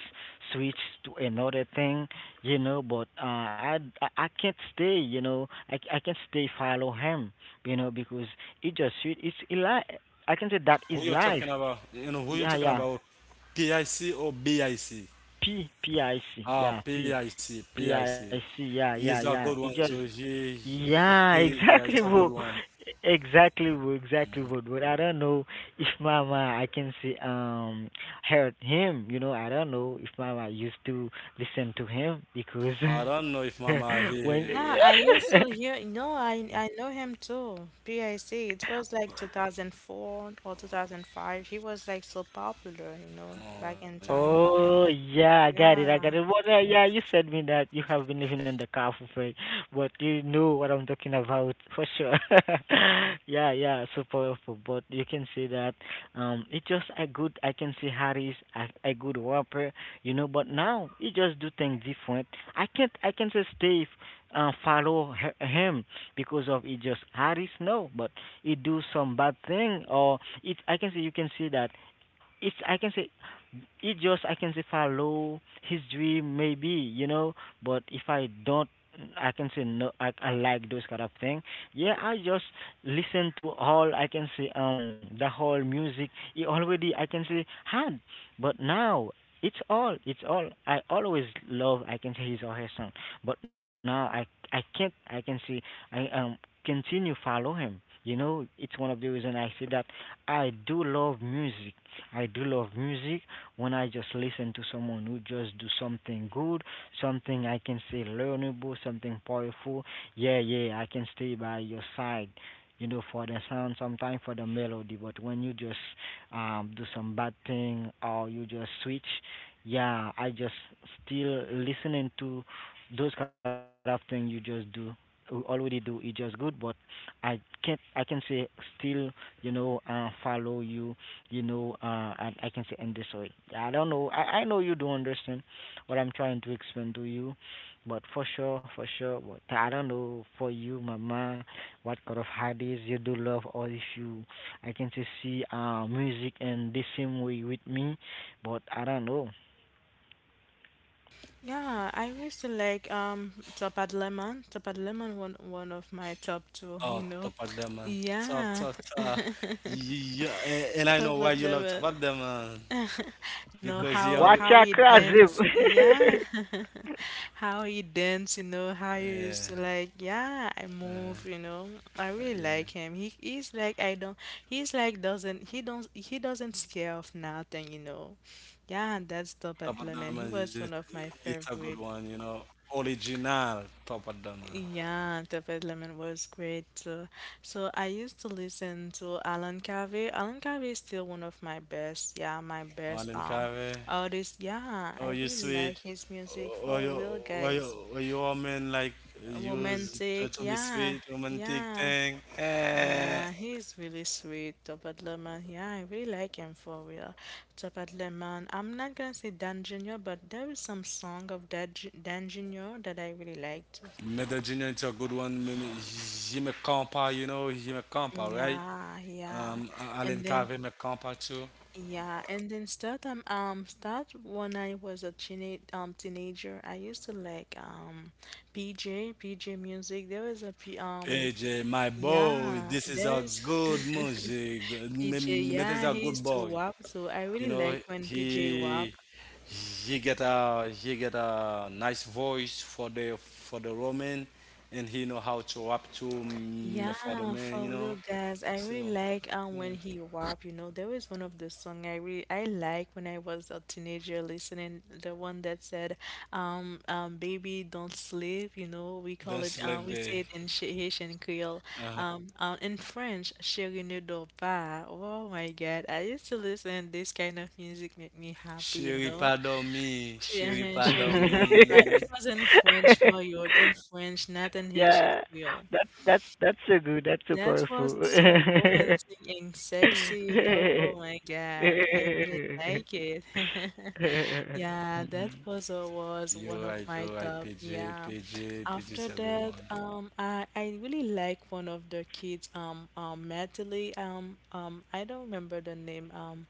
switched to another thing, you know. But I can't stay, you know. I can't stay follow him, you know, because he just switch. It's I can say that is
Who you're
life.
talking about? You know who you're
Yeah,
talking
yeah.
about? PIC or BIC?
P P I C.
Ah,
Yeah, P
PIC,
P
PIC.
I C. Yeah,
He's
yeah,
a
yeah.
good one
It just
too.
yeah,
Yeah, it's
exactly,
a good
bro.
one.
Exactly, bro. Exactly, bro. But I don't know if Mama, I can see hurt him. You know, I don't know if Mama used to listen to him
I don't know
because
if Mama he.
when
Yeah, I
he-
used to hear. No, I know him too. PIC. It was like 2004 or 2005. He was like so popular, you know,
Oh,
back in time.
yeah.
Oh, yeah, I got it. I
Yeah.
got it. Well, yeah, you said me that you have been living in the car for free, but you know what I'm talking about for sure. Yeah, yeah, so powerful. But you can see that it just a good. I can see Harry's a good rapper, you know. But now he just do things different. I can't. I can say Steve follow him because of it. Just Harry's no, but he do some bad thing or it. I can say you can see that it's I can say it just I can say follow his dream maybe you know but if I don't I can say no I like those kind of thing yeah I just listen to all I can say the whole music he already I can say had but now it's all I always love I can say his or her song but now I can't I can say I continue follow him you know it's one of the reason I say that I do love music I do love music when I just listen to someone who just do something good, something I can say learnable, something powerful. Yeah, yeah, I can stay by your side. You know, for the sound, sometimes for the melody, but when you just do some bad thing or you just switch, yeah, I just still listening to those kind of thing you just do we already do it just good but I can't I can say still you know follow you you know, I can say in this way. I don't know. I know you don't understand what I'm trying to explain to you, but for sure, for sure. But I don't know for you, Mama, what kind of hobbies you do love, or if you, I can say, see music in the same way with me, but I don't know.
Yeah, I used to like Top Lemon. Top Lemon, one of my top
Oh,
two, you
top of
know.
them, man. Top, top,
Yeah,
top. Yeah, and I know
Top
why you love top
Lemon.
of them, man.
Know
Because he all
Watch
how
your
you
crazy.
dance, yeah, how you dance, you know, how you
yeah,
used to like, yeah, I move, you know. I really
yeah.
like him. He's like, I don't, he's like doesn't, he don't, he doesn't scare of nothing, you know. Yeah, that's Top
Top
at
of the
Lemon.
man,
He
it,
was one of my
it's a good one,
favorite.
you know. Original top of the man.
Yeah, David Lemon was great too. So I used to listen to Alan Carvey. Alan Carvey is still one of my best, yeah, my best
Marlon Cave.
artist. Yeah, I
Oh, you
really
sweet.
like his music
Or
for
you,
real, guys.
or you woman like
Romantic,
to be
yeah,
sweet, romantic
yeah.
thing. Eh.
Yeah, he's really sweet, Topaz Lemon. Yeah, I really like him for real. Topaz Lemon. I'm not gonna say Dan Junior, but there is some song of Dan Junior that I really liked.
Medellin is a good one. He me compa, you know, he me compa,
Mm,
right?
yeah, yeah.
Alan
And then
Cave me compa too.
yeah, and then start start when I was a teenager, I used to like PJ PJ music. There was a P
PJ, my boy,
yeah,
this is a
there is
good music.
PJ,
Mehmet
yeah,
is a
he
good
used to
boy.
WAP, so I
You
really
know,
like when
he
PJ WAP.
he get a nice voice for the Roman, and he know how to rap to
Yeah,
for the man. You
for
know,
real, guys. I
so
really like
yeah.
when he rap. You know, there was one of the song I really I like when I was a teenager listening, the one that said, baby don't sleep. You know, we call
Don't
it
sleep,
we say
babe.
it in Haitian Creole,
Uh-huh.
in French, chérie ne dors pas. Oh my God, I used to listen this kind of music make me happy.
Sherry,
You know,
pardon me. Sherry,
Uh-huh, chérie
pardon
ne dors pas. It
me.
was in French, Mario, in French,
Yeah,
not in Haitian
that that's
Creole.
that's so good. That's so powerful.
That was so romantic and sexy, you know? Oh my God, I really like it. Yeah, that was one
You're
of
right.
my
You're right.
top.
PJ,
Yeah.
PJ, PJ is
After
a good
that,
one.
I really like one of the kids, Natalie, I don't remember the name,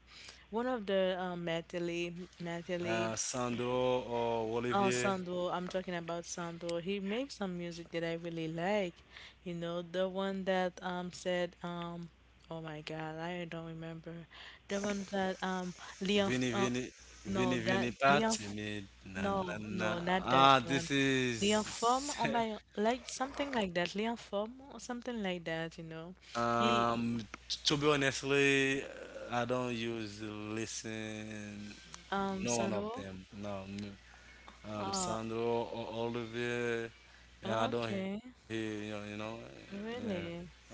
one of the Natalie, Natalie.
Euh, Sandro or
Oh,
Olivier,
Sandro, I'm talking about Sandro. He makes some music that I really like. You know, the one that said oh my God, I don't remember. The one that Leon
Vini
F- uh,
Vini Vini
no, that
Vini Pat, me na na
No,
na.
no, not that
Ah,
one.
this is
Leon Form on my like something like that. Leon Form or something like that, you know. He
um. To be honestly, I don't use listen. No one of
Sandro.
them. No, n-
Uh,
Sandro or Olivier, and I don't hear
okay.
you know. You know yeah, I'm
Really?
sorry.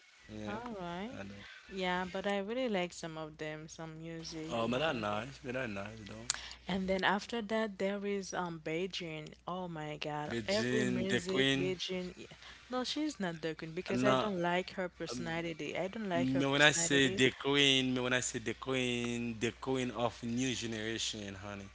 Yeah,
All
I
right.
don't.
Yeah, but I really like some of them, some music,
Oh,
you
but that's
know.
nice. But that's nice though.
And then after that, there is Beijing. Oh my God, every
Regine, the
music
Queen.
Beijing. No, she's not the queen, because I
No,
don't like her personality. I don't like her
no, when I say
personality.
the queen, no, when I say the queen of new generation, honey.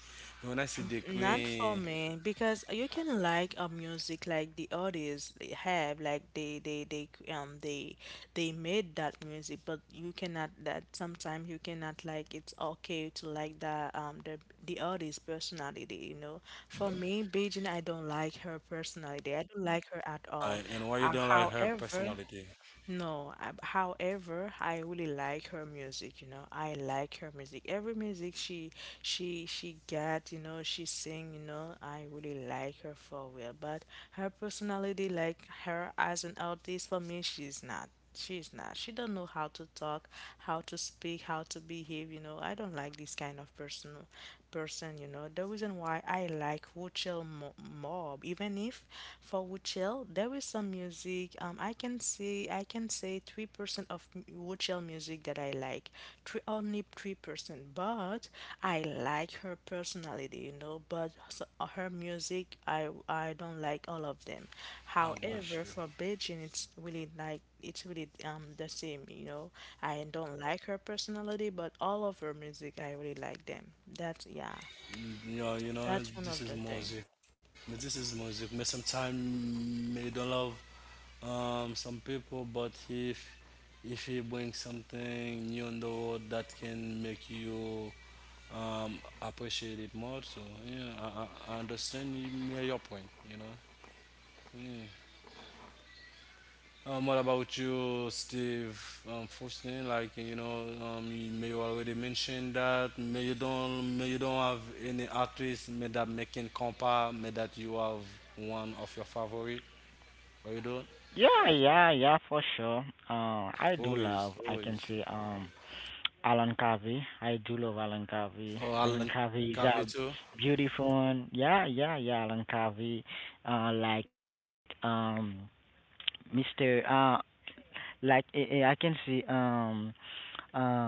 No, when I say the
Not for
queen,
me, because you can like a music like the artists they have, like they c- they made that music, but you cannot, that sometimes you cannot like, it's okay to like the the artist personality, you know. For me, Beijing, I don't like her personality. I don't like her
I,
at
and
all.
why you don't like her
However.
personality?
No, I, however, I really like her music, you know. I like her music. Every music she get, you know, she sing, you know, I really like her for real. But her personality, like her as an artist, for me, she's not. She's not. She don't know how to talk, how to speak, how to behave, you know. I don't like this kind of person, you know. The reason why I like Wuchel more, even if for Wuchel there is some music, I can say 3% of Wuchel music that I like. Three, only 3%, but I like her personality, you know, but so, her music I don't like all of them.
I got
However,
you.
for Beijing, it's really like, it's really the same, you know. I don't like her personality, but all of her music, I really like them. That's yeah,
Mm, you know, you know,
that's one
this
of
is
the thing.
music. But this is music. But sometimes you don't love some people, but if he brings something new in the world that can make you appreciate it more, so yeah, I understand yeah, your point. You know. Yeah. What about you, Steve? First thing, like you know, you may already mentioned that may you don't have any artist may that making compa may that you have one of your favorite or you don't?
Yeah, yeah, yeah, for sure. I do
Always,
love. I can
always.
say Alan Covey. I do love Alan Covey.
Oh, Alan
Alan
Cafe
Covey
too.
is a beautiful one. Yeah, yeah, yeah. Alan Covey, like Mister. Like I can see uh,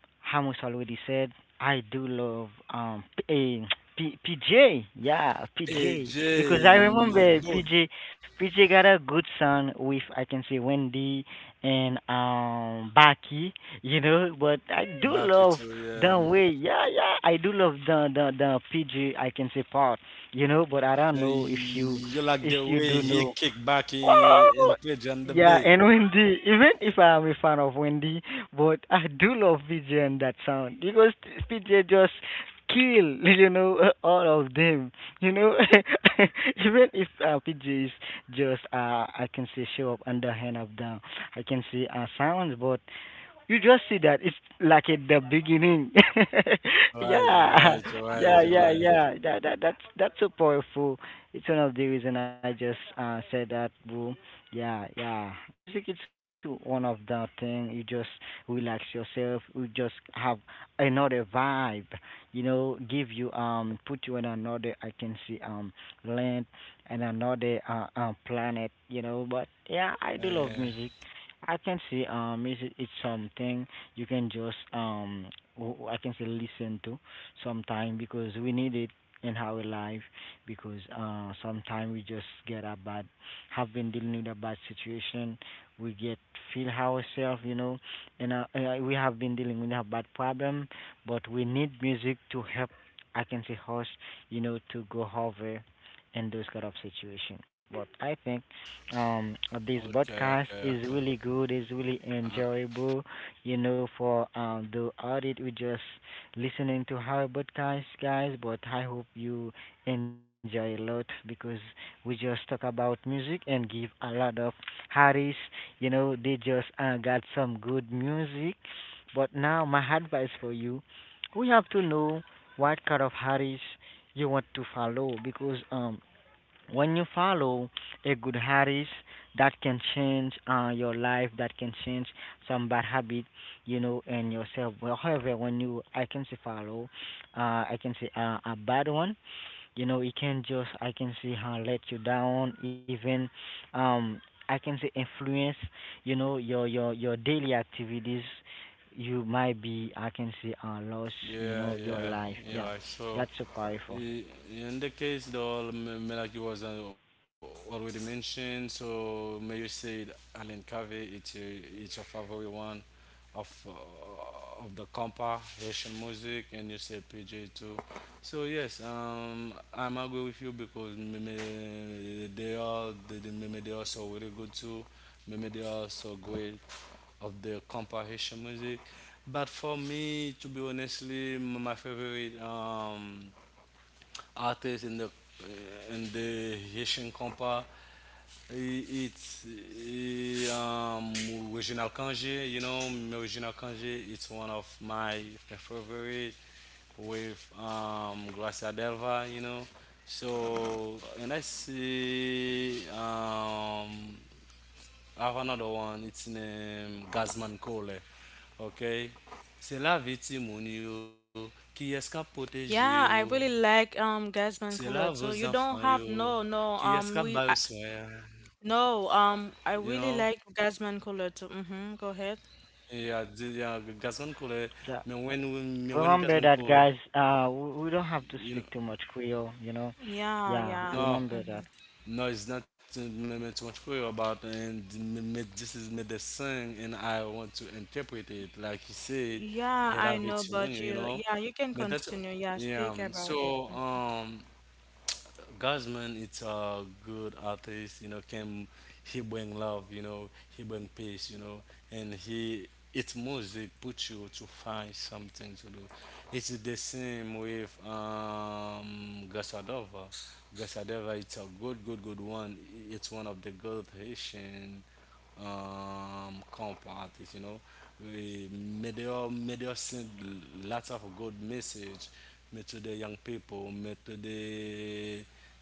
Ramos already said, I do love eh, PJ. Yeah, PJ. Because
AJ,
I
my
remember
boy,
PJ got a good son with I can say Wendy and Baki, you know, but I do
back it
love
to
the way yeah, yeah, I do love the PJ I can say part, you know, but I don't know if you
you like the way
do
he
know.
kick back in
Oh,
pitch on the
yeah,
bay.
and Wendy. Even if I am a fan of Wendy, but I do love PJ and that sound because PJ just kill, you know, all of them. You know, even if PJ is just I can say show up underhand up down. I can say sounds, but you just see that it's like at the beginning.
Right, you're
Yeah,
right, you're right,
yeah,
you're
yeah,
right.
yeah. That's so powerful. It's one of the reason I just said that, boo. Yeah, yeah. Music is one of the thing. You just relax yourself. You just have another vibe. You know, give you put you in another, I can see land, and another planet. You know, but yeah, I do love
Yeah.
music. I can see music is something you can just I can say listen to sometime because we need it in our life because sometime we just get a bad have been dealing with a bad situation we get feel ourselves you know and we have been dealing with a bad problem but we need music to help I can say us you know to go over in those kind of situation but I think um, this
Okay, okay,
podcast
okay.
is really good, is really
Uh,
enjoyable. You know, for the audit, we just listening to our podcast, guys. But I hope you enjoy a lot because we just talk about music and give a lot of artists. You know, they just got some good music. But now, my advice for you, we have to know what kind of artists you want to follow because when you follow a good habits that can change your life, that can change some bad habit you know and yourself well, however when you I can say follow I can say a bad one you know it can just I can say how let you down, even um I can say influence you know your daily activities you might be I can say lost you
yeah,
know your
yeah,
life yeah
Eli. So.
that's so powerful.
In the case, like was already mentioned, so may you say Alan Covey, it's your, it's a favorite one of the compa Haitian music, and you say PJ too. So yes, I'm agree with you because maybe they, maybe they also really good too. Maybe they also great of the compa Haitian music. But for me, to be honestly, my favorite artists in the Haitian compa. It's Reginald Kanje, you know, Reginald Kanje. It's one of my favorite with Gracia Delva, you know. So and I see I have another one. It's named Gazman Cole. Okay, c'est la victime qui est-ce.
Yeah, I really like
Sei lá, vos
Gasman Color.
enfants
So
yo,
you don't have
que
no no
escapar o sonho,
no
you
I
know?
really like Gasman Color too. Mm-hmm. Go ahead.
E a de a gasman cole, me
Yeah.
when we- me when
Remember
gasman
that,
cole,
guys. We don't have to
you know,
speak too much Creole, you know.
Yeah,
Yeah,
yeah.
no,
remember that.
no, it's not me, me too much clear about and me, this is me the song and I want to interpret it like you said,
Yeah, I
hela
know, but
vetimunyo, you
you,
know?
yeah, you can
But that's
continue. Yeah, speak
yeah.
about it.
So. Guzman it's a good artist, you know, can he bring love, you know, he bring peace, you know, and he it's music put you to find something to do. It's the same with Gasadova. Gasadova it's a good one. It's one of the good Haitian comp artists, you know. We, made they all may all send lots of good message me to the young people, me to the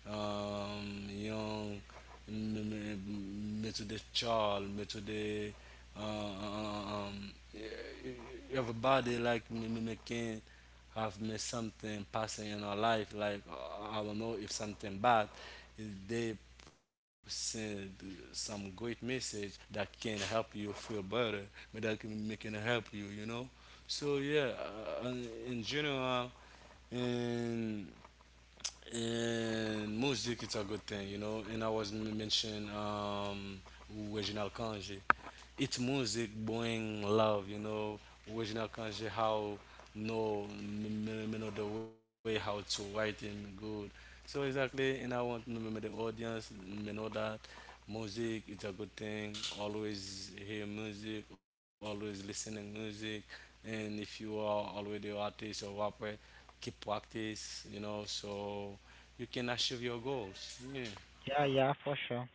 young, me, to the child, me to the everybody like me, me can have me something passing in our life like I don't know if something bad they send some great message that can help you feel better, but that can make can help you, you know. So yeah, uh, in general, and and music, it's a good thing, you know. And I was mentioning Reginald Kanje. It's music bring love, you know. Reginald Kanje, how no, know the way how to write in good. So exactly, and I want the audience know that music it's a good thing. Always hear music, always listening music, and if you are already an artist or rapper keep practice, you know,
Yeah,
so
yeah,
you
you're
can
right.
achieve your goals. Yeah.
Yeah, yeah, for sure,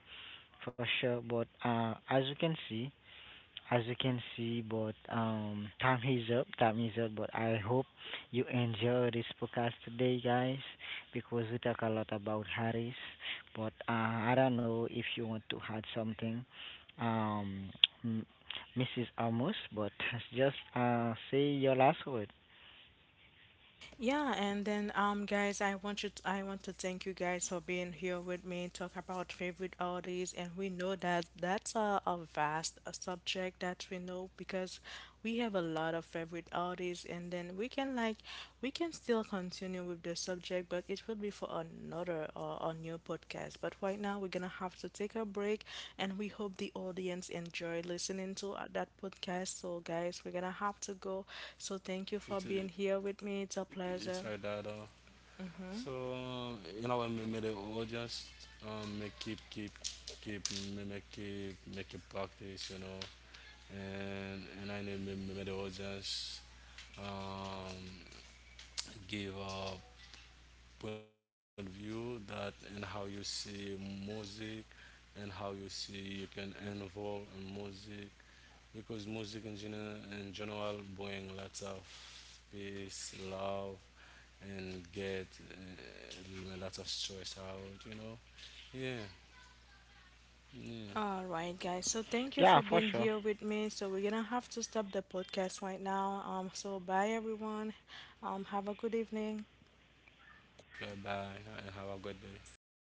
for sure. But as you can see, but time is up. Time is up. But I hope you enjoy this podcast today, guys, because we talk a lot about Harris. But I don't know if you want to add something, um, m- Mrs. Amos. But just say your last word.
Yeah, and then guys, I want you to, I want to thank you guys for
Uh,
being here with me and talk about favorite artists, and
yeah, you
we
know,
know that that's a vast a subject that we know,
hello.
because we
Yeah.
have a lot of favorite artists, and then we can like we can still continue with the subject, but it will be for another or a new podcast. But right now, we're gonna
Yeah.
have to take a break, and we hope the audience enjoy listening to
Hello.
that podcast. So, guys, we're
Yeah.
gonna
So
have to go.
yeah,
So, thank
it's
you for being
it's like
here
that.
with me. It's a pleasure.
So you know, may the audience may keep keep keep may keep make it practice. You know, and I need may the audience um give point of view that and how you see music and how you see you can involve in music because music in general bring lots of peace, love, and get lots of stress out. You know, yeah, yeah.
All right, guys. So thank you
Yeah,
for
for
being
sure.
here with me. So we're gonna have to stop the podcast right now. So bye everyone. Have a good evening.
Goodbye and have a good day.